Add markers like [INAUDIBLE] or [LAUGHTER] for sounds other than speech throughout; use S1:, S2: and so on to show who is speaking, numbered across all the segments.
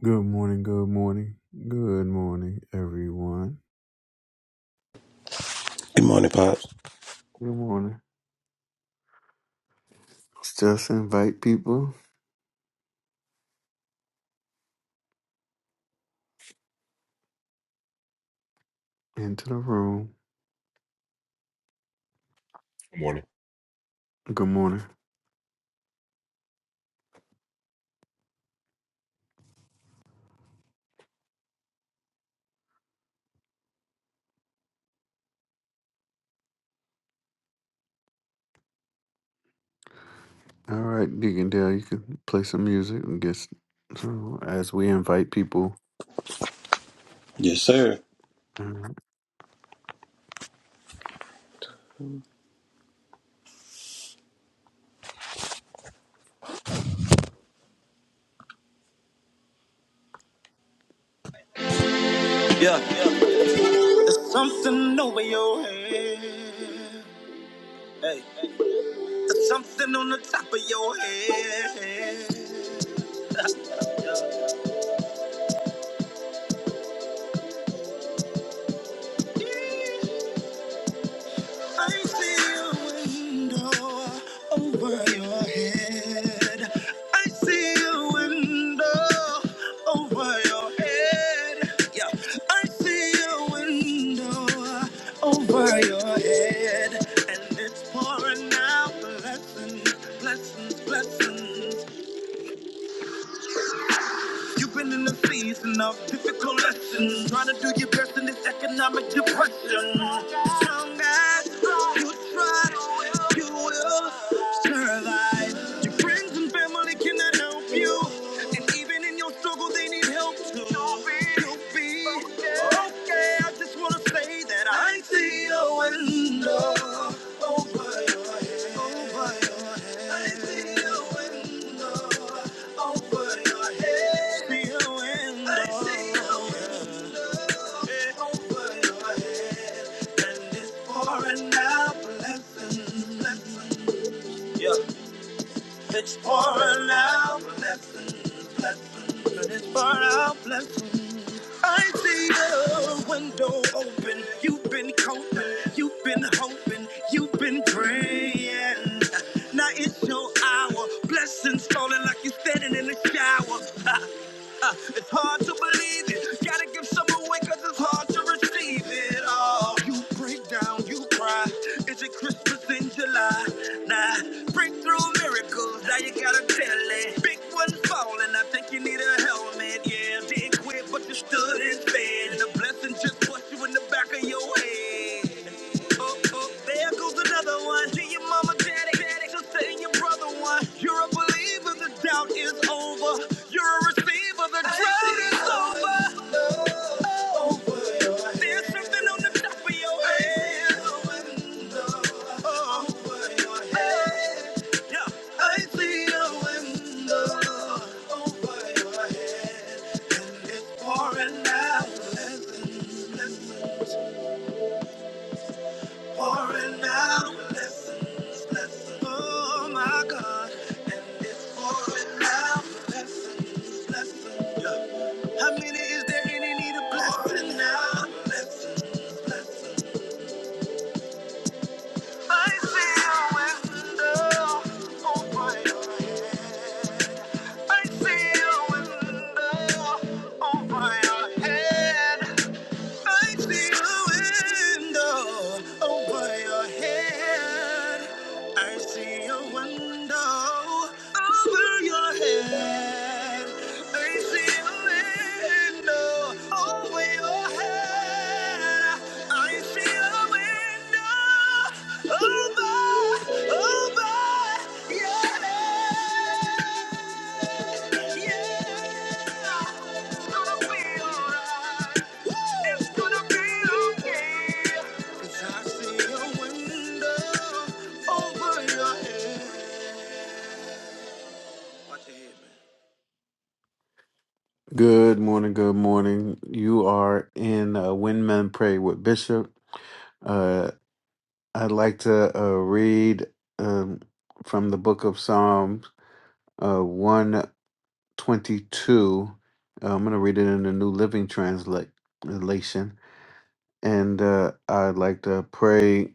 S1: Good morning, good morning, good morning, everyone.
S2: Good morning, Pops.
S1: Good morning. Let's just invite people into the room.
S3: Good morning.
S1: Good morning. All right, Deacon Dale, you can play some music and get s- so as we invite people.
S2: Yes, sir.
S1: All right.
S2: Yeah, yeah. there's something over your head. Hey, there's something on the top of your head. I see a window over your head. I see a window over your head. Yeah, I see a window over your head, and it's pouring out blessings, blessings, blessings. You've been in a season of difficult lessons, trying to do your best in this economic depression. Strong as you try, you will survive. Your friends and family cannot help you, and even in your struggle, they need help too. You'll be okay. I just wanna say that I see a window over your head. Over your head. I see a window over your head. See a window. I see a window over your head. And it's pouring out blessings, blessings. Yeah. It's pouring out blessings, blessings. And it's pouring out blessings. I see the window open. You've been coping, you've been hoping, you've been praying. Now it's your hour. Blessings falling like you're standing in the shower. Ha, ha. It's hard to believe it. Gotta give some away because it's hard to receive it all. You break down, you cry. Is it Christmas in July? Nah, breakthrough miracles. Now you gotta tell it. Big one's falling. I think you need a helmet. Yeah, yeah didn't quit, but you stood and fed. And the blessing just pushed you in the back of your head. Oh, oh, there goes another one. See your mama, daddy, daddy, sister, and your brother one. You're a believer, the doubt is over. You're a receiver, the drought is over. There's something on the top of your head. Oh, hey, yeah. I see a window over your head, and it's pouring out blessings, blessings. Pouring out blessings, blessings, oh my God. And it's pouring out blessings, blessings, yeah. How many is there any need of blessing now? Blessings, blessings. I see a window over your head. I see a window over your head. I see a window over your head. I see a window over your head. I see a window over your head. I see a window.
S1: Good morning, good morning. You are in uh, When Men Pray with Bishop. Uh, I'd like to uh, read um, from the book of Psalms uh, 105. 22. Uh, I'm going to read it in the New Living Transla- Translation. And uh, I'd like to pray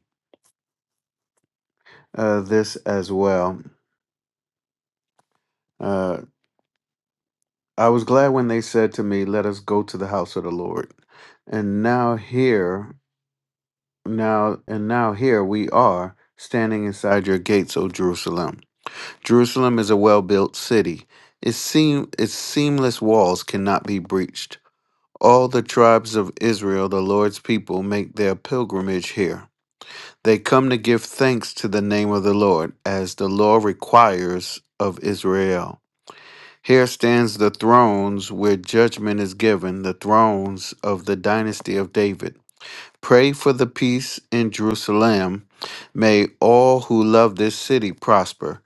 S1: uh, this as well. Uh, I was glad when they said to me, Let us go to the house of the Lord. And now here, now, and now here we are standing inside your gates, O Jerusalem. Jerusalem is a well built city. Its, seam, its seamless walls cannot be breached All the tribes of Israel, the Lord's people, make their pilgrimage here. They come to give thanks to the name of the Lord, as the law requires of Israel. Here stands the thrones where judgment is given, the thrones of the dynasty of David. Pray for the peace in Jerusalem. May all who love this city prosper.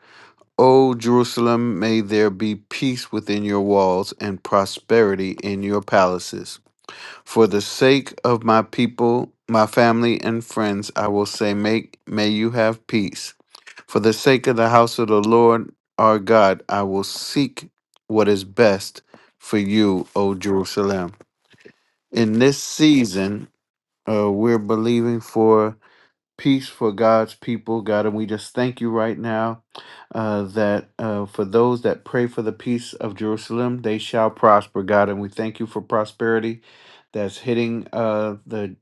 S1: O Jerusalem, may there be peace within your walls and prosperity in your palaces. For the sake of my people, my family, and friends, I will say, make, May you have peace. For the sake of the house of the Lord our God, I will seek what is best for you, O Jerusalem. In this season, uh, we're believing for peace for God's people, God. And we just thank you right now uh, that uh, for those that pray for the peace of Jerusalem, they shall prosper, God. And we thank you for prosperity that's hitting uh, the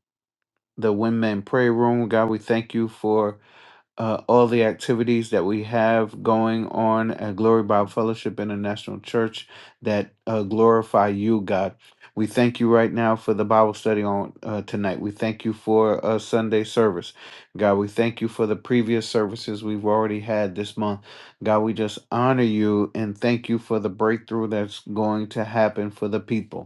S1: the women prayer room, God. We thank you for uh, all the activities that we have going on at Glory Bible Fellowship International Church that uh, glorify you, God. We thank you right now for the Bible study on uh, tonight. We thank you for uh, Sunday service. God, we thank you for the previous services we've already had this month. God, we just honor you and thank you for the breakthrough that's going to happen for the people.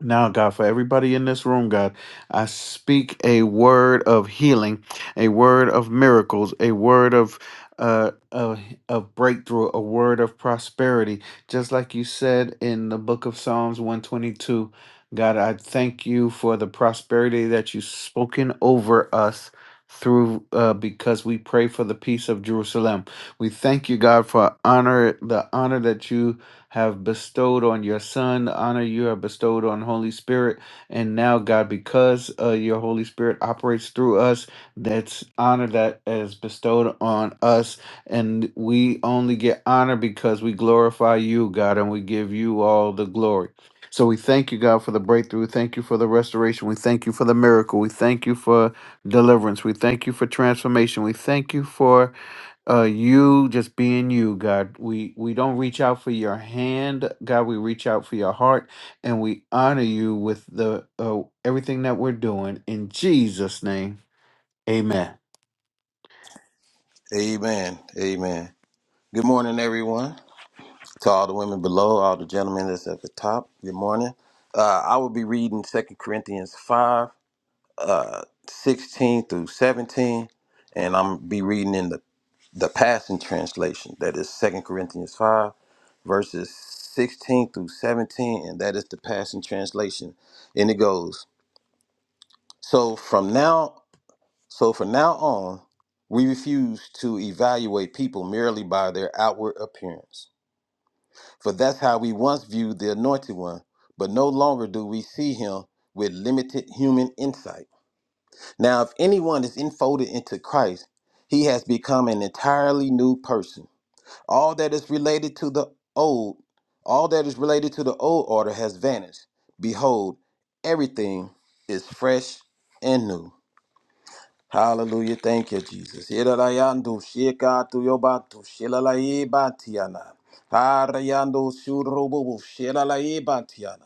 S1: Now, God, for everybody in this room, God, I speak a word of healing, a word of miracles, a word of uh, of, of breakthrough, a word of prosperity, just like you said in the book of Psalms 122. God, I thank you for the prosperity that you've spoken over us through uh, because we pray for the peace of Jerusalem. We thank you, God, for honor the honor that you have bestowed on your Son, the honor you have bestowed on Holy Spirit. And now, God, because uh, your Holy Spirit operates through us, that's honor that is bestowed on us. And we only get honor because we glorify you, God, and we give you all the glory. So we thank you, God, for the breakthrough. We Thank you for the restoration. We thank you for the miracle. We thank you for deliverance. We thank you for transformation. We thank you for uh, you just being you, God. We we don't reach out for your hand, God. We reach out for your heart, and we honor you with the uh, everything that we're doing in Jesus' name. Amen.
S2: Amen. Amen. Good morning, everyone. To all the women below, all the gentlemen that's at the top. Good morning. Uh, I will be reading Second Corinthians 5. uh, 16 through 17, and I'm be reading in the, the Passion Translation. That is is Second Corinthians 5, verses 16 through 17, and that is the Passion Translation. And it goes, So from now, so from now on, we refuse to evaluate people merely by their outward appearance. For that's how we once viewed the anointed one, but no longer do we see him with limited human insight. Now, if anyone is enfolded into Christ, he has become an entirely new person. All that is related to the old, all that is related to the old order has vanished. Behold, everything is fresh and new. Hallelujah. Thank you, Jesus. Iralayandu shikatu yobatu shilalaibatiana. Parayando shurubu shilalai batiana.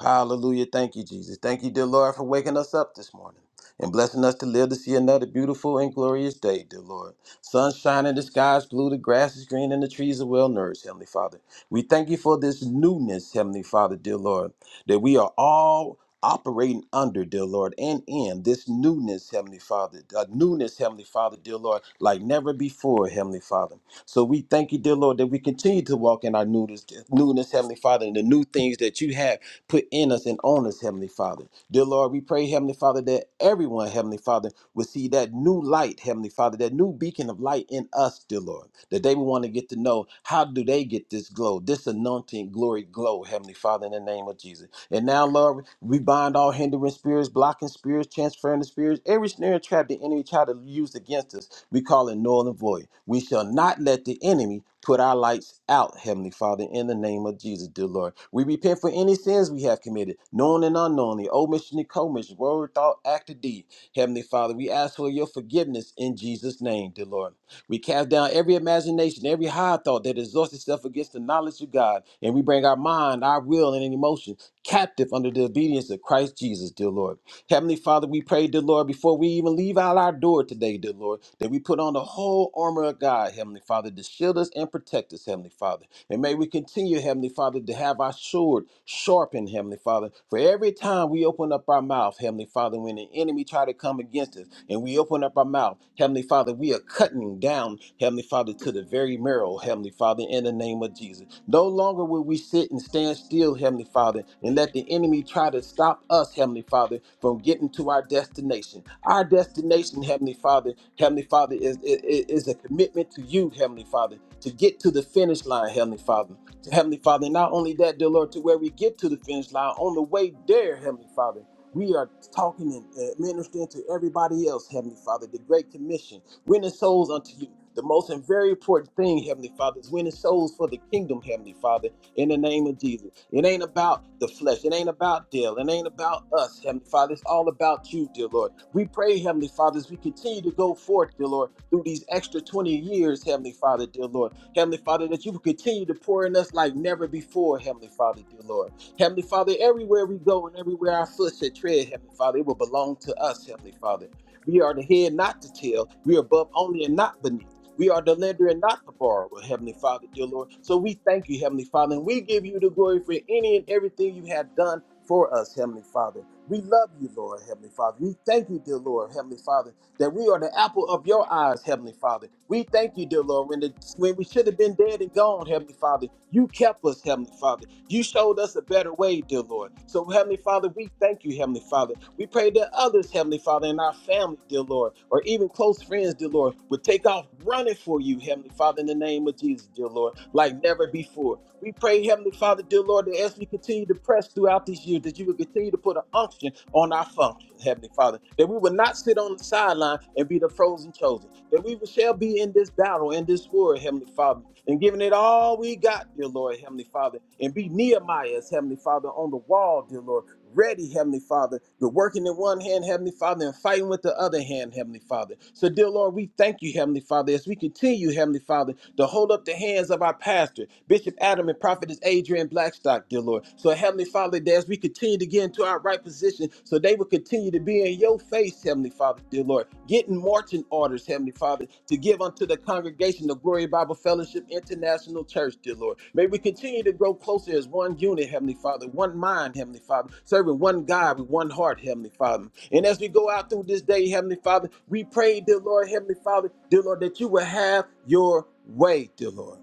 S2: Hallelujah. Thank you, Jesus. Thank you, dear Lord, for waking us up this morning and blessing us to live to see another beautiful and glorious day, dear Lord. Sun shining, the sky blue, the grass is green, and the trees are well nourished, Heavenly Father. We thank you for this newness, Heavenly Father, dear Lord, that we are all operating under, dear Lord, and in this newness, Heavenly Father, a newness, Heavenly Father, dear Lord, like never before, Heavenly Father. So we thank you, dear Lord, that we continue to walk in our newness, newness Heavenly Father, and the new things that you have put in us and on us, Heavenly Father. Dear Lord, we pray, Heavenly Father, that everyone, Heavenly Father, will see that new light, Heavenly Father, that new beacon of light in us, dear Lord, that they will want to get to know how do they get this glow, this anointing glory glow, Heavenly Father, in the name of Jesus. And now, Lord, we bind all hindering spirits, blocking spirits, transferring the spirits, every snare and trap the enemy tried to use against us. We call it null and void. We shall not let the enemy Put our lights out, Heavenly Father, in the name of Jesus, dear Lord. We repent for any sins we have committed, known and unknownly, omission and commission, word, thought, act, or deed. Heavenly Father, we ask for your forgiveness in Jesus' name, dear Lord. We cast down every imagination, every high thought that exalts itself against the knowledge of God, and we bring our mind, our will, and any emotion captive under the under the obedience of Christ Jesus, dear Lord. Heavenly Father, we pray, dear Lord, before we even leave out our door today, dear Lord, that we put on the whole armor of God, Heavenly Father, to shield us and protect us, Heavenly Father. And may we continue, Heavenly Father, to have our sword sharpened, Heavenly Father. For every time we open up our mouth, Heavenly Father, when the enemy try to come against us, and we open up our mouth, now. Heavenly Father, we are cutting down, Heavenly Father, to the very marrow, Heavenly Father, in the name of Jesus. No longer will we sit and stand still, Heavenly Father, and let the enemy try to stop us, Heavenly Father, from getting to our destination. Our destination, Heavenly Father, Heavenly Father, is, is, is a commitment to you, Heavenly Father, to get to the finish line, Heavenly Father. To Heavenly Father, not only that, dear Lord, to where we get to the finish line on the way there, Heavenly Father. We are talking and administering to everybody else, Heavenly Father, the Great Commission, winning souls unto you. The most and very important thing, Heavenly Father, is winning souls for the kingdom, Heavenly Father, in the name of Jesus. It ain't about the flesh. It ain't about Dale. It ain't about us, Heavenly Father. It's all about you, dear Lord. We pray, Heavenly Father, as we continue to go forth, dear Lord, through these extra 20 years, Heavenly Father, dear Lord. Heavenly Father, that you will continue to pour in us like never before, Heavenly Father, dear Lord. Heavenly Father, everywhere we go and everywhere our foot should tread, Heavenly Father, it will belong to us, Heavenly Father. We are the head, not the tail. We are above only and not beneath. We are the lender and not the borrower, Heavenly Father, dear Lord. So we thank you, Heavenly Father, and we give you the glory for any and everything you have done for us, Heavenly Father. We love you, Lord, Heavenly Father. We thank you, dear Lord, Heavenly Father that we are the apple of your eyes, Heavenly Father. We thank you, dear Lord, when, the, when we should have been dead and gone, Heavenly Father. You kept us, Heavenly Father. You showed us a better way, dear Lord. So, Heavenly Father, we thank you, Heavenly Father. We pray that others, Heavenly Father, in our family, dear Lord, or even close friends, dear Lord, would take off running for you, Heavenly Father, in the name of Jesus, dear Lord, like never before. We pray, Heavenly Father, dear Lord, that as we continue to press throughout this year, that you would continue to put an unction function on our function, Heavenly Father. That we would not sit on the sideline and be the frozen chosen. That we shall be in this battle, in this war, Heavenly Father, and giving it all we got, dear Lord, Heavenly Father, and be Nehemiah's, Heavenly Father, on the wall, dear Lord, ready, Heavenly Father, to working in one hand, Heavenly Father, and fighting with the other hand, Heavenly Father. So, dear Lord, we thank you, Heavenly Father, as we continue, Heavenly Father, to hold up the hands of our pastor, Bishop Adam and Prophetess Adrian Blackstock. God, dear Lord. So, Heavenly Father, that as we continue to get into our right position, so they will continue to be in your face, Heavenly Father, dear Lord. Getting marching orders, Heavenly Father, to give unto the congregation the Glory Bible Fellowship International Church, dear Lord. May we continue to grow closer as one unit, Heavenly Father, one mind, Heavenly Father, serving one God with one heart, Heavenly Father. And as we go out through this day, Heavenly Father, we pray, dear Lord, Heavenly Father, dear Lord, that you will have your way, dear Lord.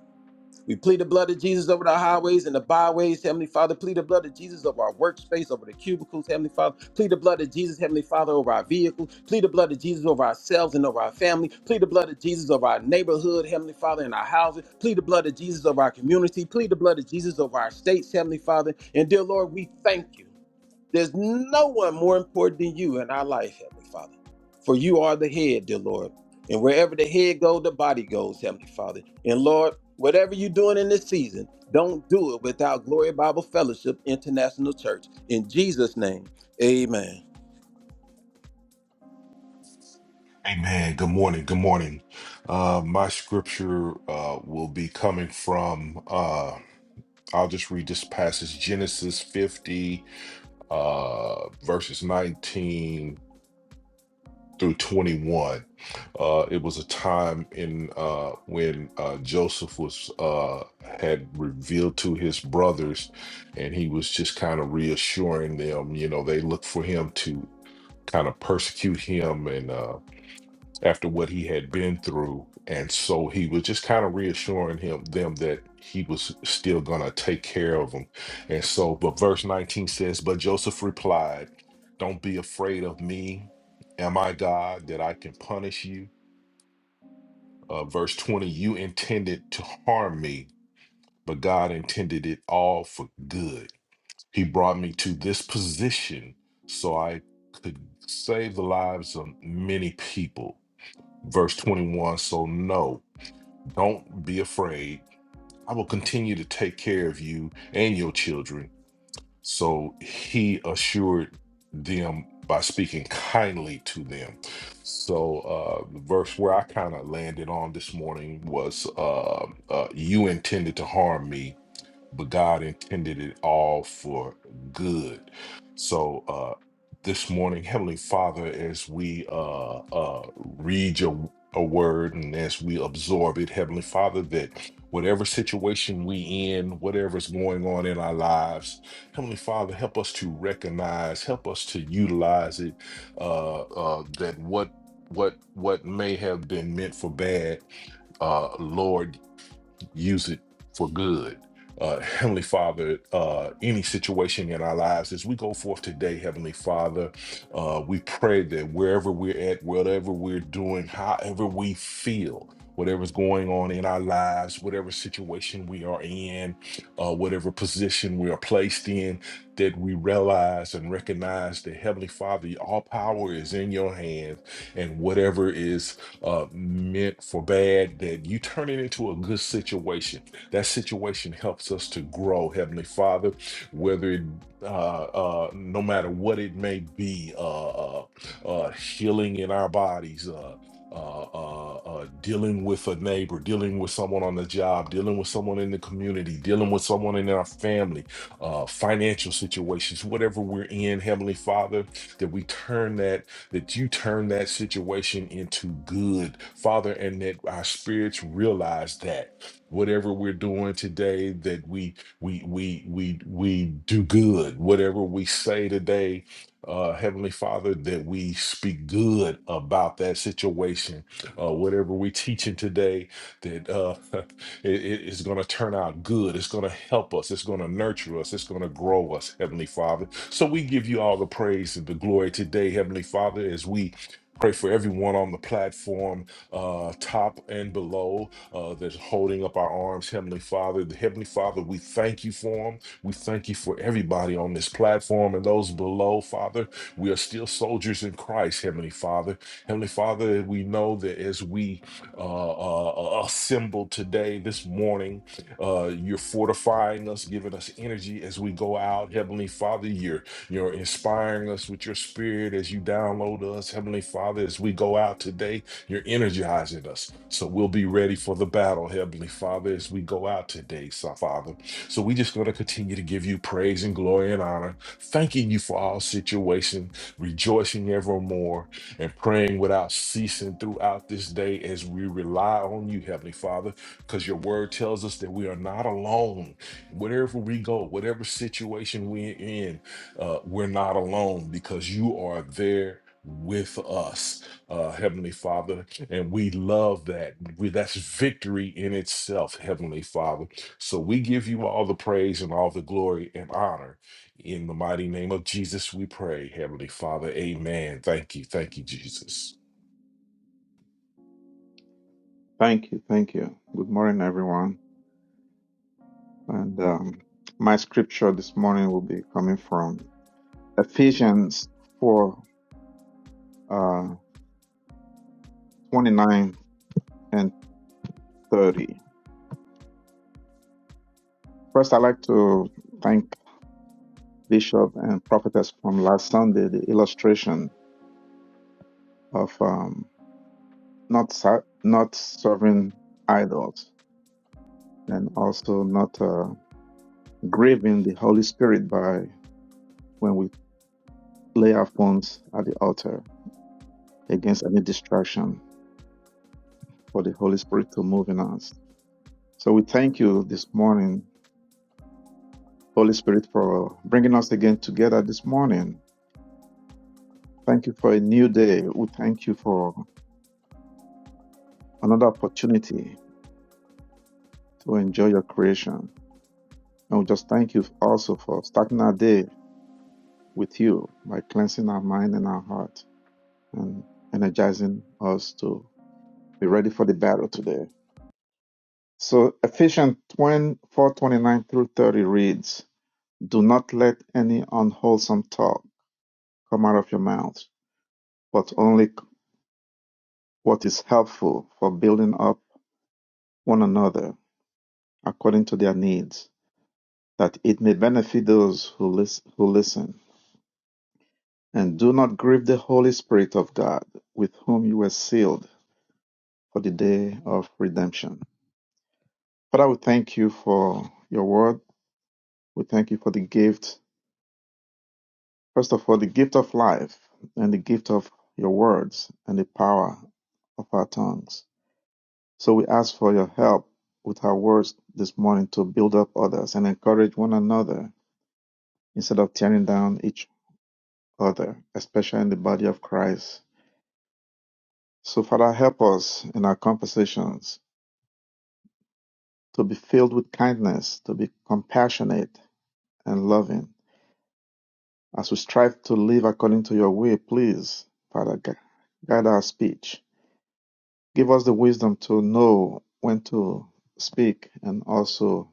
S2: We plead the blood of Jesus over the highways and the byways, Heavenly Father. Plead the blood of Jesus over our workspace, over the cubicles, Heavenly Father. Plead the blood of Jesus, Heavenly Father, over our vehicles. Plead the blood of Jesus over ourselves and over our family. Plead the blood of Jesus over our neighborhood, Heavenly Father, and our houses. Plead the blood of Jesus over our community. Plead the blood of Jesus over our states, Heavenly Father. And dear Lord, we thank you. There's no one more important than you in our life, Heavenly Father. For you are the head, dear Lord. And wherever the head goes, the body goes, Heavenly Father. And Lord, whatever you're doing in this season, don't do it without Glory Bible Fellowship International Church. In Jesus' name, amen.
S3: Amen. Good morning. Good morning. Uh, my scripture uh, will be coming from, uh, I'll just read this passage Genesis 50, uh, verses 19 through 21. Uh, it was a time in uh, when uh, Joseph was uh, had revealed to his brothers, and he was just kind of reassuring them. You know, they looked for him to kind of persecute him and. uh, after what he had been through. And so he was just kind of reassuring him them that he was still gonna take care of them. And so, but verse 19 says, But Joseph replied, not be afraid of me. Am I God that I can punish you? Uh, verse 20, you intended to harm me, but God intended it all for good. He brought me to this position so I could save the lives of many people. Verse 21, so no. Don't be afraid. I will continue to take care of you and your children. So he assured them by speaking kindly to them. So uh, the verse where I kind of landed on this morning was uh, uh, You intended to harm me, but God intended it all for good. So uh this morning, Heavenly Father, as we uh uh read your a word and as we absorb it, Heavenly Father, that whatever situation we in, whatever's going on in our lives, Heavenly Father, help us to recognize, help us to utilize it, uh uh that what what what may have been meant for bad, uh Lord use it for good. Uh, Heavenly Father, uh, any situation in our lives, as we go forth today, Heavenly Father, uh, we pray that wherever we're at, whatever we're doing, however we feel, whatever's going on in our lives, whatever situation we are in, uh, whatever position we are placed in, that we realize and recognize that Heavenly Father, all power is in your hands, and whatever is uh, meant for bad, that you turn it into a good situation. That situation helps us to grow, Heavenly Father, whether it uh, uh, no matter what it may be, uh, uh, uh, healing in our bodies, uh, uh, uh, uh, dealing with a neighbor, dealing with someone on the job, dealing with someone in the community, dealing with someone in our family, uh, financial situations, whatever we're in, Heavenly Father, that we turn that that you turn that situation into good, Father, and that our spirits realize that whatever we're doing today, that we we we we we do good. Whatever we say today, uh, Heavenly Father, that we speak good about that situation. Uh, whatever we teaching today, that uh, [LAUGHS] It- it- it's going to turn out good. It's going to help us. It's going to nurture us. It's going to grow us, Heavenly Father. So we give you all the praise and the glory today, Heavenly Father, as we pray for everyone on the platform, uh, top and below, uh, that's holding up our arms, Heavenly Father. The Heavenly Father, we thank you for them. We thank you for everybody on this platform and those below, Father. We are still soldiers in Christ, Heavenly Father. Heavenly Father, we know that as we uh, uh, uh, assembled today, this morning. Uh, you're fortifying us, giving us energy as we go out. Heavenly Father, you're, you're inspiring us with your spirit as you download us. Heavenly Father, as we go out today, you're energizing us. So we'll be ready for the battle, Heavenly Father, as we go out today, so- Father. So we just going to continue to give you praise and glory and honor, thanking you for all situation, rejoicing evermore and praying without ceasing throughout this day as we rely on you, Heavenly Father, because your word tells us that we are not alone. Wherever we go, whatever situation we're in, uh, we're not alone because you are there with us, uh, Heavenly Father. And we love that. We, that's victory in itself, Heavenly Father. So we give you all the praise and all the glory and honor in the mighty name of Jesus, we pray, Heavenly Father. Amen. Thank you. Thank you, Jesus.
S4: Thank you, thank you. Good morning, everyone. And um, my scripture this morning will be coming from Ephesians 4 uh, 29 and 30. First, I'd like to thank Bishop and Prophetess from last Sunday, the illustration of um, not, sa- not serving idols and also not uh, grieving the Holy Spirit by when we lay our phones at the altar against any distraction. for the Holy Spirit to move in us. So we thank you this morning, Holy Spirit, for bringing us again together this morning. Thank you for a new day. We thank you for another opportunity to enjoy your creation. And we just thank you also for starting our day with you by cleansing our mind and our heart and energizing us to be ready for the battle today. So Ephesians 4:29 through 30 reads, Do not let any unwholesome talk Come out of your mouths, but only what is helpful for building up one another according to their needs, that it may benefit those who, lis- who listen. And do not grieve the Holy Spirit of God, with whom you were sealed for the day of redemption. Father, we thank you for your word. We thank you for the gift, first of all, the gift of life and the gift of your words and the power of our tongues. So we ask for your help with our words this morning to build up others and encourage one another instead of tearing down each other, especially in the body of Christ. So, Father, help us in our conversations to be filled with kindness, to be compassionate and loving. As we strive to live according to your way, please, Father, gu- guide our speech. Give us the wisdom to know when to speak and also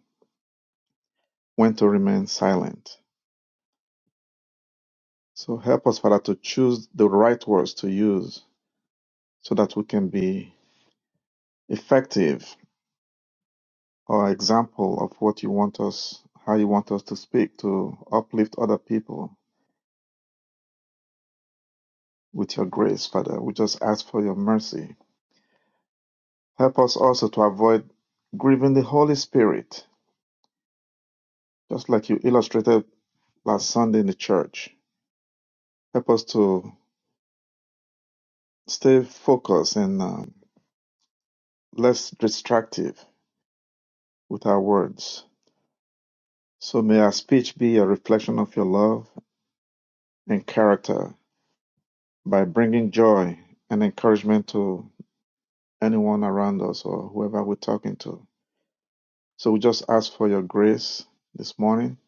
S4: when to remain silent. So help us, Father, to choose the right words to use so that we can be effective or example of what you want us, how you want us to speak to uplift other people with your grace, Father. We just ask for your mercy. Help us also to avoid grieving the Holy Spirit, just like you illustrated last Sunday in the church. Help us to stay focused and um, less distractive with our words. So may our speech be a reflection of your love and character by bringing joy and encouragement to anyone around us or whoever we're talking to. So we just ask for your grace this morning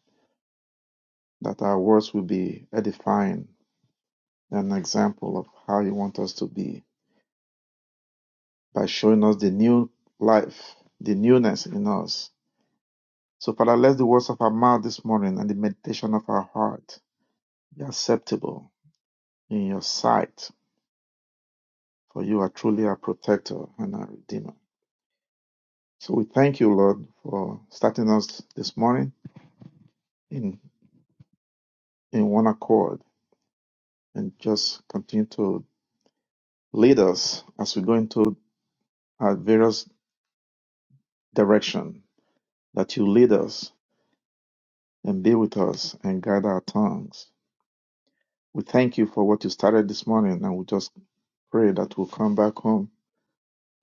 S4: that our words will be edifying and an example of how you want us to be by showing us the new life, the newness in us. So, Father, let the words of our mouth this morning and the meditation of our heart be acceptable in your sight, for you are truly our protector and our redeemer. So we thank you, Lord, for starting us this morning in, in one accord and just continue to lead us as we go into our various direction that you lead us and be with us and guide our tongues. We thank you for what you started this morning and we just pray that we'll come back home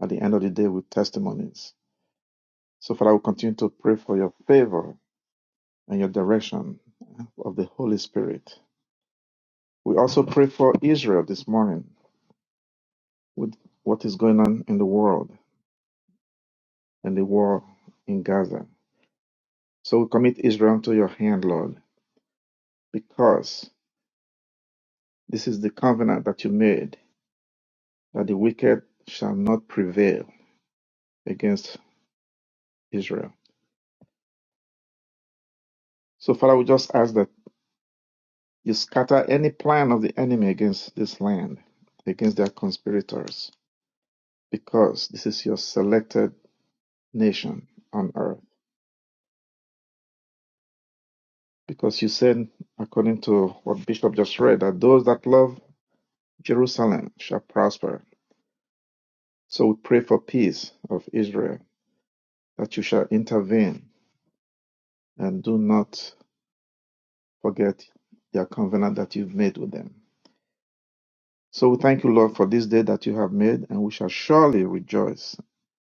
S4: at the end of the day with testimonies. So Father, we continue to pray for your favor and your direction of the Holy Spirit. We also pray for Israel this morning with what is going on in the world and the war in Gaza. So we commit Israel to your hand, Lord, because this is the covenant that you made that the wicked shall not prevail against Israel. So, Father, we just ask that you scatter any plan of the enemy against this land, against their conspirators, because this is your selected nation on earth. Because you said, according to what Bishop just read, that those that love Jerusalem shall prosper So we pray for peace of Israel, that you shall intervene and do not forget your covenant that you've made with them. So we thank you, Lord, for this day that you have made, and we shall surely rejoice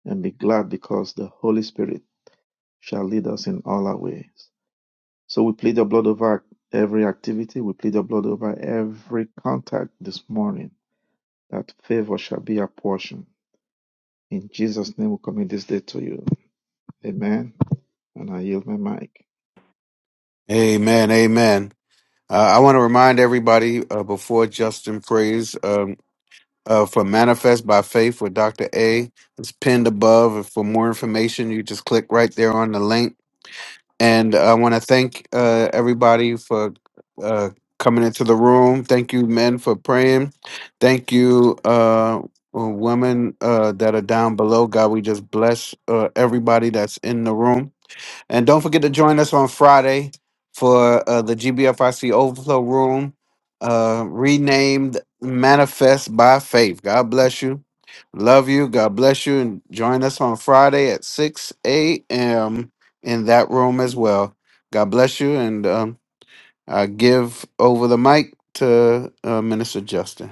S4: and be glad because the Holy Spirit shall lead us in all our ways. So we plead the blood over every activity, we plead the blood over every contact this morning, that favor shall be our portion. In Jesus' name, we commit this day to you. Amen. And I yield my mic.
S1: Amen. Amen. Uh, I want to remind everybody uh, before Justin prays um, uh, for Manifest by Faith with Dr. A. It's pinned above. And For more information, you just click right there on the link And I want to thank uh, everybody for uh, coming into the room. Thank you, men, for praying. Thank you, uh, women uh, that are down below. God, we just bless uh, everybody that's in the room. And don't forget to join us on Friday for uh, the GBFIC Overflow Room, uh, renamed Manifest by Faith. God bless you. Love you. God bless you. And join us on Friday at 6 a.m. in that room as well. God bless you. And um, I give over the mic to uh, Minister Justin.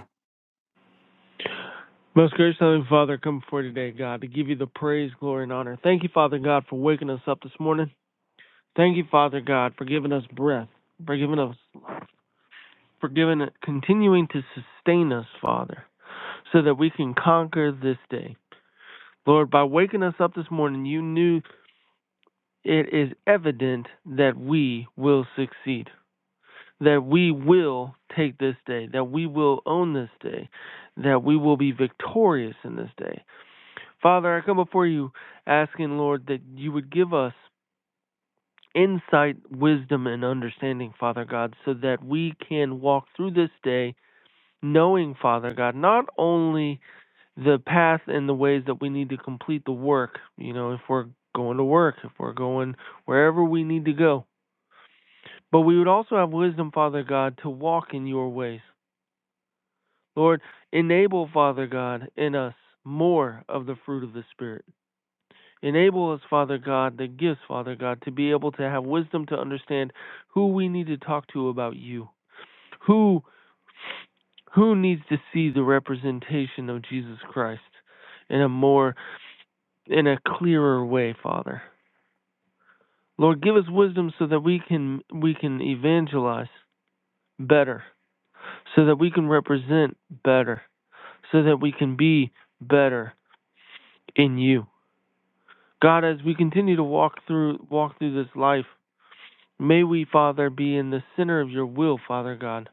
S5: Most gracious Heavenly Father, come before you today, God, to give you the praise, glory, and honor. Thank you, Father God, for waking us up this morning. Thank you, Father God, for giving us breath, for giving us, for giving, it, continuing to sustain us, Father, so that we can conquer this day. Lord, by waking us up this morning, you knew it is evident that we will succeed, that we will take this day, that we will own this day, that we will be victorious in this day. Father, I come before you asking, Lord, that you would give us insight, wisdom, and understanding, Father God, so that we can walk through this day knowing, Father God, not only the path and the ways that we need to complete the work, you know, if we're going to work, if we're going wherever we need to go, but we would also have wisdom, Father God, to walk in your ways. Lord, enable, Father God, in us more of the fruit of the Spirit. Enable us, Father God, the gifts, Father God, to be able to have wisdom to understand who we need to talk to about you. Who who needs to see the representation of Jesus Christ in a more in a clearer way, Father. Lord, give us wisdom so that we can we can evangelize better, so that we can represent better, so that we can be better in you. God, as we continue to walk through walk through this life, May we, Father, be in the center of your will, Father God,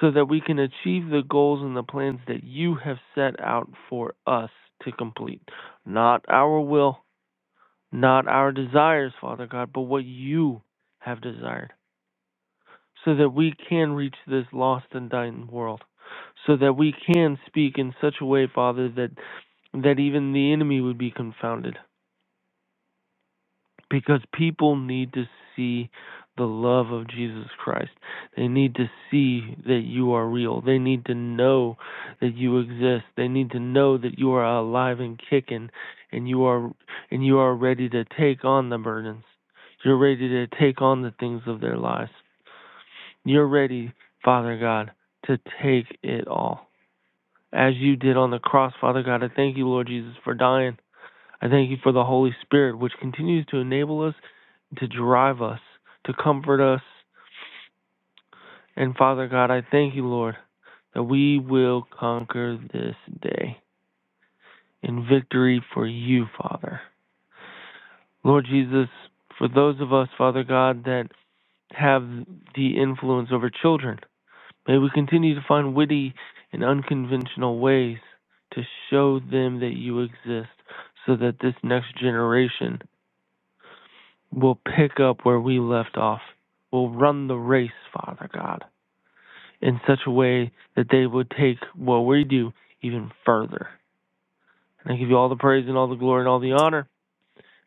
S5: so that we can achieve the goals and the plans that you have set out for us to complete. Not our will, not our desires, Father God, but what you have desired, so that we can reach this lost and dying world. So that we can speak in such a way, Father, that, that even the enemy would be confounded because people need to see the love of Jesus Christ. They need to see that you are real. They need to know that you exist. They need to know that you are alive and kicking and you are and you are ready to take on the burdens. You're ready to take on the things of their lives. You're ready, Father God, to take it all. As you did on the cross, Father God, I thank you, Lord Jesus, for dying I thank you for the Holy Spirit, which continues to enable us, to drive us, to comfort us. And Father God, I thank you, Lord, that we will conquer this day in victory for you, Father. Lord Jesus, for those of us, Father God, that have the influence over children, may we continue to find witty and unconventional ways to show them that you exist so that this next generation We'll pick up where we left off. We'll run the race, Father God, in such a way that they would take what we do even further. And I give you all the praise and all the glory and all the honor.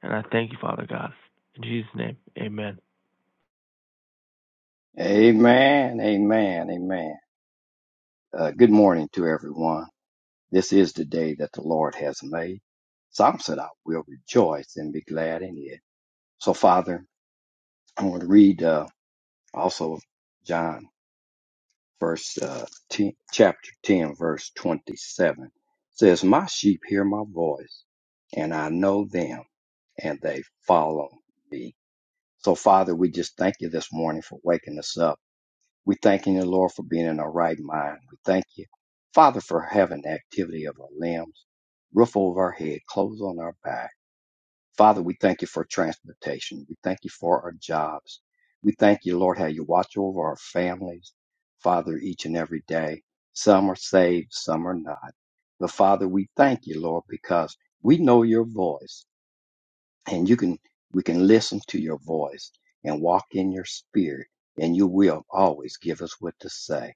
S5: And I thank you, Father God. In Jesus' name, amen.
S6: Amen, amen, amen. Uh, good morning to everyone. This is the day that the Lord has made. Psalm said, I will rejoice and be glad in it. So, Father, i want to read uh, also John, first uh, 10, chapter 10, verse 27. It says, My sheep hear my voice, and I know them, and they follow me. So, Father, we just thank you this morning for waking us up We thanking you, Lord, for being in our right mind. We thank you, Father, for having the activity of our limbs, roof over our head, clothes on our back. Father, we thank you for transportation. We thank you for our jobs. We thank you, Lord, how you watch over our families, Father, each and every day. Some are saved, some are not. But Father, we thank you, Lord, because we know your voice and you can we can listen to your voice and walk in your spirit and you will always give us what to say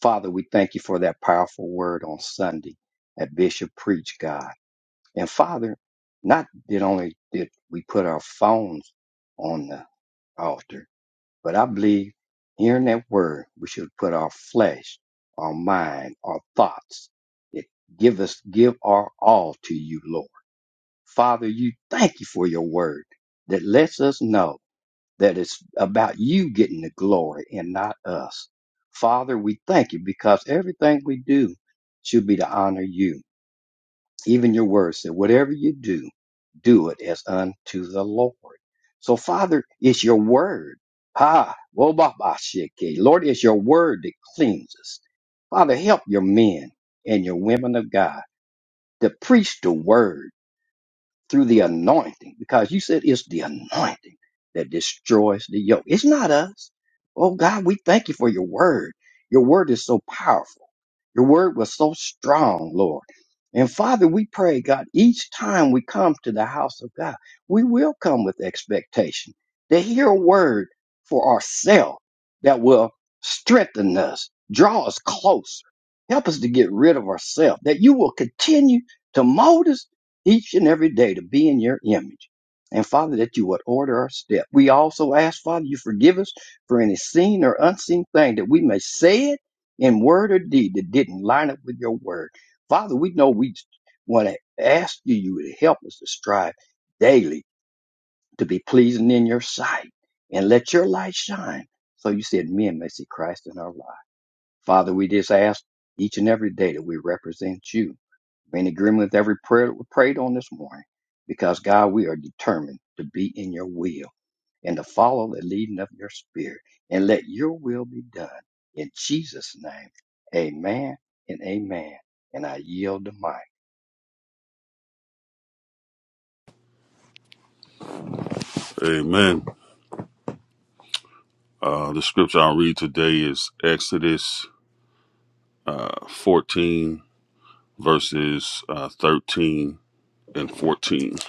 S6: father we thank you for that powerful word on sunday that bishop preached god and father not did only did we put our phones on the altar but i believe hearing that word we should put our flesh our mind our thoughts it give us give our all to you lord Father, you thank you for your word that lets us know that it's about you getting the glory and not us. Father, we thank you because everything we do should be to honor you. Even your word said, whatever you do, do it as unto the Lord. So, Father, it's your word. Ha, wobabashike. Lord, it's your word that cleanses. Father, help your men and your women of God to preach the word through the anointing because you said it's the anointing that destroys the yoke. It's not us. Oh God, we thank you for your word. Your word is so powerful. Your word was so strong, Lord. And Father, we pray, God, each time we come to the house of God, we will come with expectation to hear a word for ourselves that will strengthen us, draw us closer, help us to get rid of ourselves, that you will continue to mold us each and every day to be in your image. And Father, that you would order our step. We also ask, Father, you forgive us for any seen or unseen thing that we may say it in word or deed that didn't line up with your word. Father, we know we want to ask you, you to help us to strive daily to be pleasing in your sight and let your light shine. So you said, men may see Christ in our life. Father, we just ask each and every day that we represent you we're in agreement with every prayer that we prayed on this morning because, God, we are determined to be in your will and to follow the leading of your spirit and let your will be done. In Jesus' name, amen and amen. And I yield the mic.
S7: Amen. Uh, the scripture I'll read today is Exodus 14, verses uh, 13 and 14. It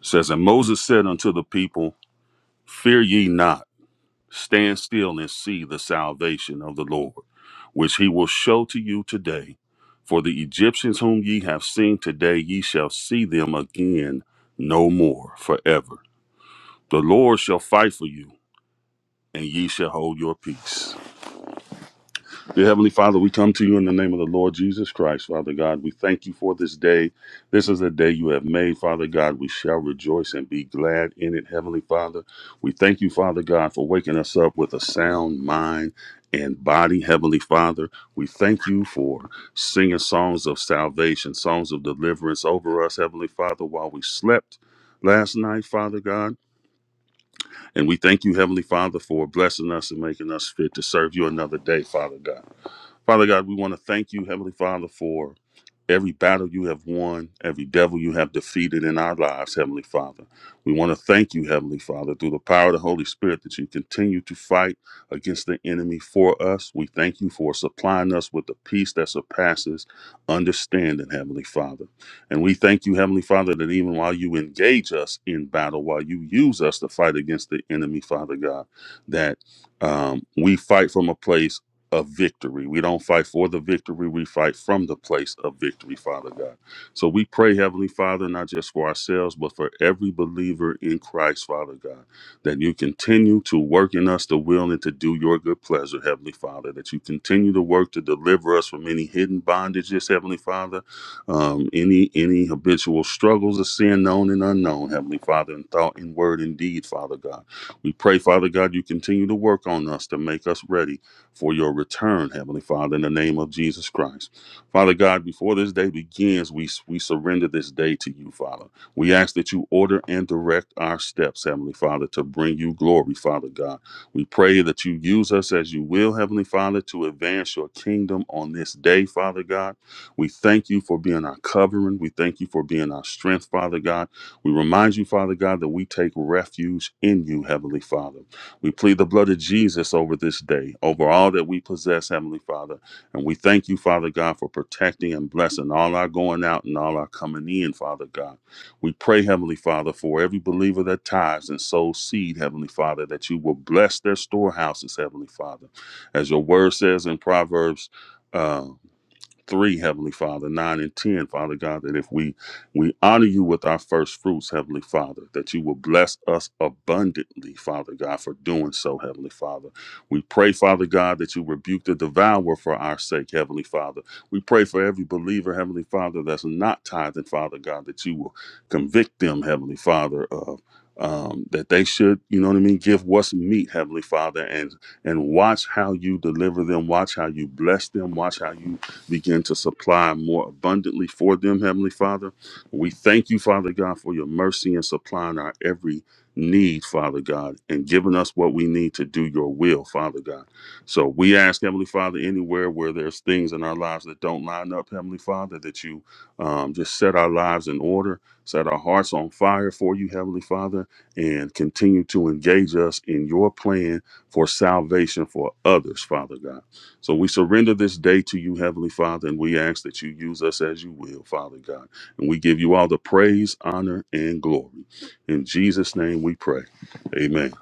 S7: says, And Moses said unto the people, Fear ye not, stand still and see the salvation of the Lord, which he will show to you today. For the Egyptians whom ye have seen today, ye shall see them again no more forever. The Lord shall fight for you, and ye shall hold your peace. Dear Heavenly Father, we come to you in the name of the Lord Jesus Christ, Father God. We thank you for this day. This is the day you have made, Father God. We shall rejoice and be glad in it, Heavenly Father. We thank you, Father God, for waking us up with a sound mind and body, Heavenly Father. We thank you for singing songs of salvation, songs of deliverance over us, Heavenly Father, while we slept. Last night, Father God, and we thank you, Heavenly Father, for blessing us and making us fit to serve you another day, Father God. Father God, we want to thank you, Heavenly Father, for every battle you have won, every devil you have defeated in our lives, Heavenly Father. We want to thank you, Heavenly Father, through the power of the Holy Spirit that you continue to fight against the enemy for us. We thank you for supplying us with the peace that surpasses understanding, Heavenly Father. And we thank you, Heavenly Father, that even while you engage us in battle, while you use us to fight against the enemy, Father God, that um, we fight from a place of victory. We don't fight for the victory, we fight from the place of victory, Father God. So we pray, Heavenly Father, not just for ourselves, but for every believer in Christ, Father God, that you continue to work in us the will and to do your good pleasure, Heavenly Father, that you continue to work to deliver us from any hidden bondages, Heavenly Father, um, any any habitual struggles of sin, known and unknown, Heavenly Father, in thought, in word, and deed, Father God. We pray, Father God, you continue to work on us to make us ready for your return, Heavenly Father, in the name of Jesus Christ. Father God, before this day begins, we, we surrender this day to you, Father. We ask that you order and direct our steps, Heavenly Father, to bring you glory, Father God. We pray that you use us as you will, Heavenly Father, to advance your kingdom on this day, Father God. We thank you for being our covering. We thank you for being our strength, Father God. We remind you, Father God, that we take refuge in you, Heavenly Father. We plead the blood of Jesus over this day, over all that we possess, Heavenly Father. And we thank you, Father God, for protecting and blessing all our going out and all our coming in, Father God. We pray, Heavenly Father, for every believer that tithes and sows seed, Heavenly Father, that you will bless their storehouses, Heavenly Father. As your word says in Proverbs. uh, 3 heavenly father 9 and 10 father god that if we we honor you with our first fruits heavenly father that you will bless us abundantly father god for doing so heavenly father we pray father god that you rebuke the devourer for our sake heavenly father we pray for every believer heavenly father that's not tithing father god that you will convict them heavenly father of um, that they should, you know what I mean, give what's meat, Heavenly Father, and and watch how you deliver them, watch how you bless them, watch how you begin to supply more abundantly for them, Heavenly Father. We thank you, Father God, for your mercy and supplying our every need, Father God, and giving us what we need to do your will, Father God. So we ask, Heavenly Father, anywhere where there's things in our lives that don't line up, Heavenly Father, that you um, just set our lives in order, set our hearts on fire for you, Heavenly Father, and continue to engage us in your plan for salvation for others, Father God. So we surrender this day to you, Heavenly Father, and we ask that you use us as you will, Father God. And we give you all the praise, honor, and glory. In Jesus' name we pray. Amen.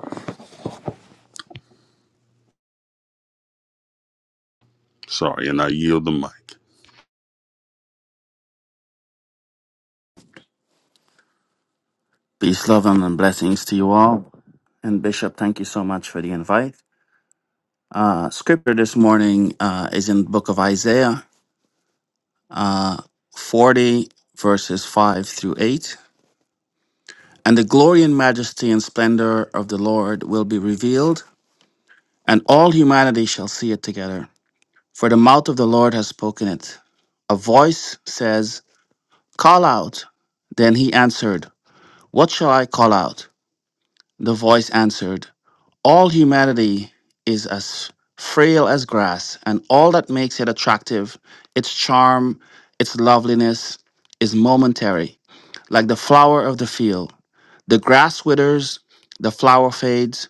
S7: Sorry, and I yield the mic.
S8: Peace, love, and blessings to you all. And Bishop, thank you so much for the invite. Uh, scripture this morning uh, is in the book of Isaiah uh, 40, verses 5 through 8. And the glory and majesty and splendor of the Lord will be revealed, and all humanity shall see it together. For the mouth of the Lord has spoken it. A voice says, Call out. Then he answered, What shall I call out? The voice answered, All humanity is as frail as grass, and all that makes it attractive, its charm, its loveliness, is momentary, like the flower of the field. The grass withers, the flower fades.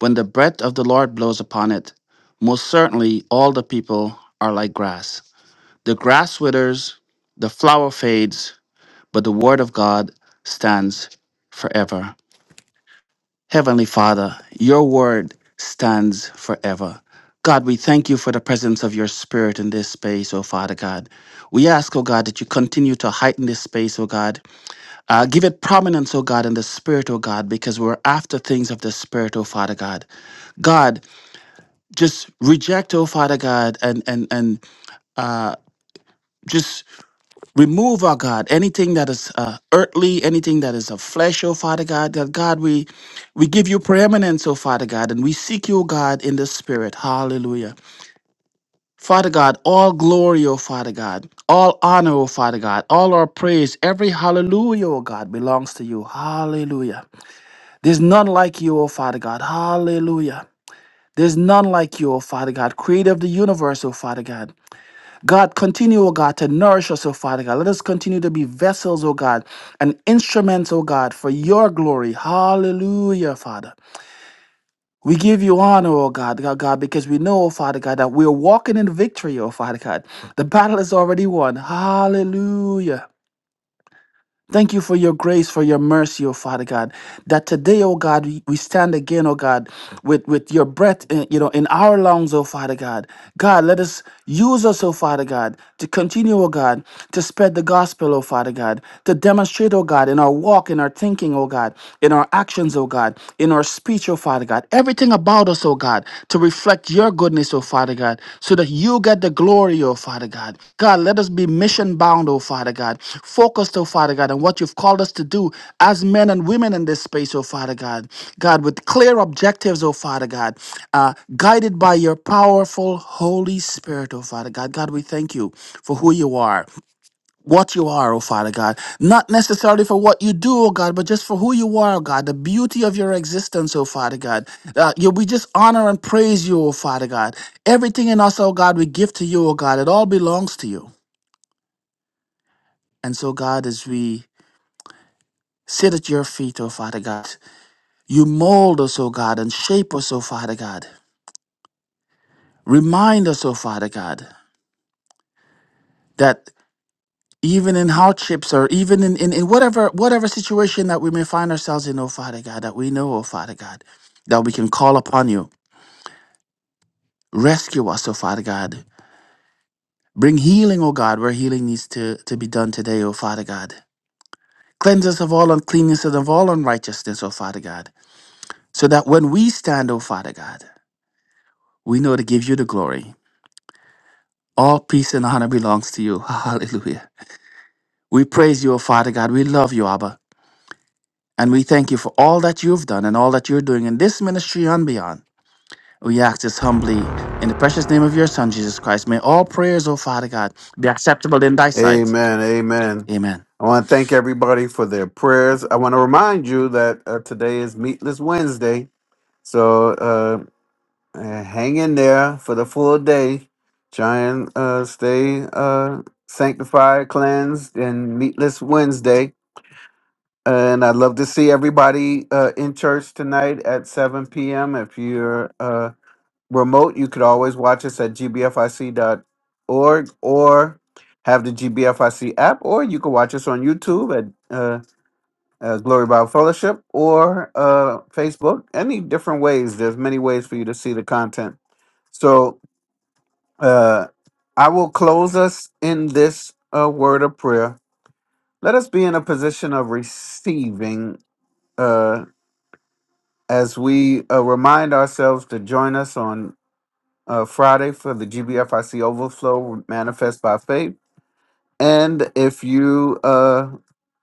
S8: When the breath of the Lord blows upon it, most certainly all the people are like grass. The grass withers, the flower fades, but the word of God stands forever. Heavenly Father, your word stands forever. God, we thank you for the presence of your spirit in this space, oh Father God. We ask, oh God, that you continue to heighten this space, oh God. Uh, give it prominence, oh God, in the spirit, oh God, because we're after things of the spirit, oh Father God. God, just reject, oh Father God, and and and uh, just Remove, our God, anything that is uh, earthly, anything that is of flesh, oh Father God. That God, we we give you preeminence, oh Father God, and we seek you, oh God, in the spirit. Hallelujah. Father God, all glory, oh Father God, all honor, oh Father God, all our praise, every hallelujah, oh God, belongs to you. Hallelujah. There's none like you, oh Father God. Hallelujah. There's none like you, O Father God, creator of the universe, O Father God. God, continue, oh God, to nourish us, oh Father God. Let us continue to be vessels, oh God, and instruments, oh God, for your glory. Hallelujah, Father. We give you honor, oh God, God, God, because we know, oh Father God, that we're walking in victory, oh Father God. The battle is already won. Hallelujah. Thank you for your grace, for your mercy, O Father God. That today, O God, we we stand again, O God, with, with your breath, in, you know, in our lungs, O Father God. God, let us use us, O Father God, to continue, O God, to spread the gospel, O Father God, to demonstrate, O God, in our walk, in our thinking, O God, in our actions, O God, in our speech, O Father God. Everything everything about us, oh God, to reflect your goodness, oh Father God, so that you get the glory, oh Father God. God, let us be mission bound, oh Father God, focused, oh Father God, on what you've called us to do as men and women in this space, oh Father God. God, with clear objectives, oh Father God, uh, guided by your powerful Holy Spirit, oh Father God. God, we thank you for who you are what you are, oh Father God. Not necessarily for what you do, oh God, but just for who you are, oh God, the beauty of your existence, oh Father God. Uh, you, we just honor and praise you, oh Father God. Everything in us, oh God, we give to you, oh God. It all belongs to you. And so, God, as we sit at your feet, oh Father God, you mold us, oh God, and shape us, oh Father God. Remind us, oh Father God, that even in hardships or even in, in, in whatever whatever situation that we may find ourselves in, oh Father God, that we know, oh Father God, that we can call upon you. Rescue us, oh Father God. Bring healing, oh God, where healing needs to, to be done today, oh Father God. Cleanse us of all uncleanness and of all unrighteousness, oh Father God, so that when we stand, oh Father God, we know to give you the glory. All peace and honor belongs to you. [LAUGHS] Hallelujah. We praise you, O Father God. We love you, Abba. And we thank you for all that you've done and all that you're doing in this ministry and beyond. We ask this humbly in the precious name of your Son, Jesus Christ. May all prayers, O Father God, be acceptable in thy sight.
S1: Amen. Amen.
S8: Amen.
S1: I want to thank everybody for their prayers. I want to remind you that uh, today is Meatless Wednesday. So uh, uh, hang in there for the full day. Try and uh, stay uh, sanctified, cleansed, and meatless Wednesday. And I'd love to see everybody uh, in church tonight at 7 p.m. If you're uh, remote, you could always watch us at gbfic.org or have the GBFIC app, or you can watch us on YouTube at. uh, uh, Glory Bible Fellowship or uh, Facebook. Any different ways. There's many ways for you to see the content. So uh, I will close us in this uh, word of prayer. Let us be in a position of receiving uh, as we uh, remind ourselves to join us on uh, Friday for the GBFIC Overflow Manifest by Faith. And if you uh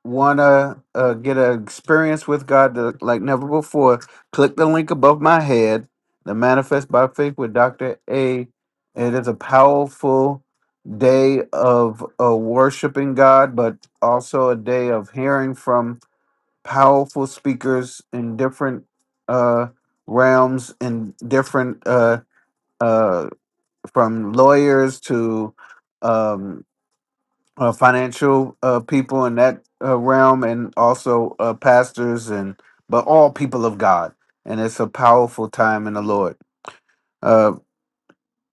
S1: want to uh, get an experience with God to, like never before, click the link above my head, the Manifest by Faith with Dr. A. It is a powerful day of uh, worshiping God, but also a day of hearing from powerful speakers in different uh, realms, in different uh, uh, from lawyers to um, uh, financial uh, people in that uh, realm and also uh, pastors and but all people of god and it's a powerful time in the lord uh,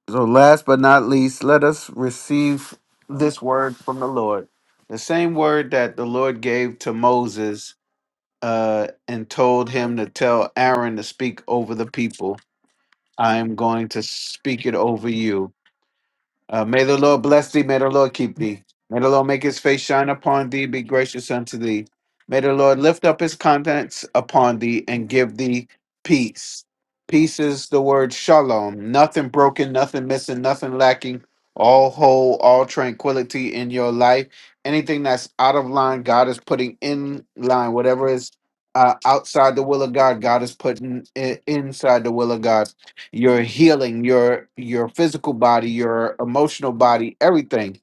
S1: so last but not least let us receive this word from the lord the same word that the lord gave to moses uh, and told him to tell aaron to speak over the people i am going to speak it over you Uh, may the Lord bless thee. May the Lord keep thee. May the Lord make his face shine upon thee, be gracious unto thee. May the Lord lift up his countenance upon thee and give thee peace. Peace is the word shalom. Nothing broken, nothing missing, nothing lacking. All whole, all tranquility in your life. Anything that's out of line, God is putting in line. Whatever is uh, outside the will of God, God is putting it inside the will of God your healing, your your physical body, your emotional body, everything,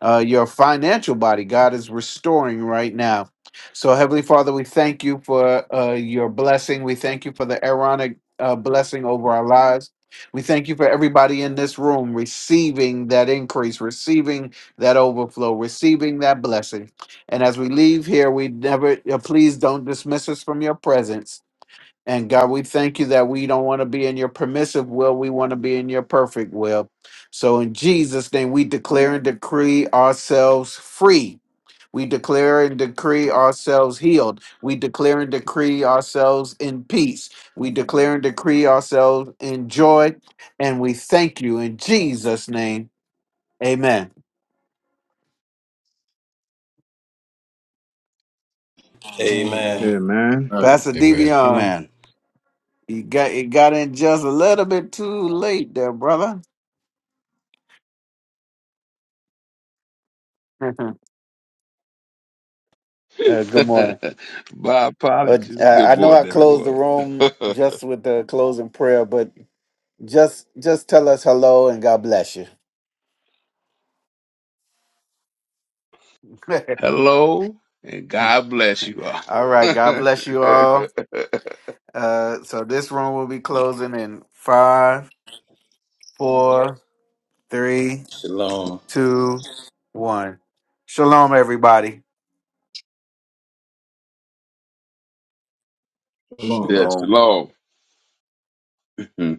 S1: uh, your financial body. God is restoring right now. So, Heavenly Father, we thank you for uh, your blessing. We thank you for the Aaronic uh, blessing over our lives. We thank you for everybody in this room receiving that increase, receiving that overflow, receiving that blessing. And as we leave here, we never, uh, please don't dismiss us from your presence and God, we thank you that we don't want to be in your permissive will. We want to be in your perfect will. So in Jesus' name, we declare and decree ourselves free. We declare and decree ourselves healed. We declare and decree ourselves in peace. We declare and decree ourselves in joy. And we thank you in Jesus' name. Amen. Amen.
S4: Amen.
S7: Amen.
S1: Pastor
S3: Amen.
S1: Devion,
S8: Amen.
S1: you got it got in just a little bit too late there, brother. [LAUGHS] Uh, good morning.
S9: [LAUGHS] My
S1: Uh,
S9: apologies.
S1: I
S9: Good
S1: know I
S9: morning,
S1: closed the
S9: everyone.
S1: room
S9: [LAUGHS]
S1: just with the closing prayer, but just just tell us hello and God bless you. [LAUGHS]
S9: Hello, and God bless you all.
S1: all right, God bless you
S9: [LAUGHS]
S1: all. Uh, so this room will be closing in five, four, three,
S2: Shalom.
S1: two, one. Shalom, everybody.
S4: Shalom.
S9: yes,
S7: Shalom.
S9: hello. [LAUGHS]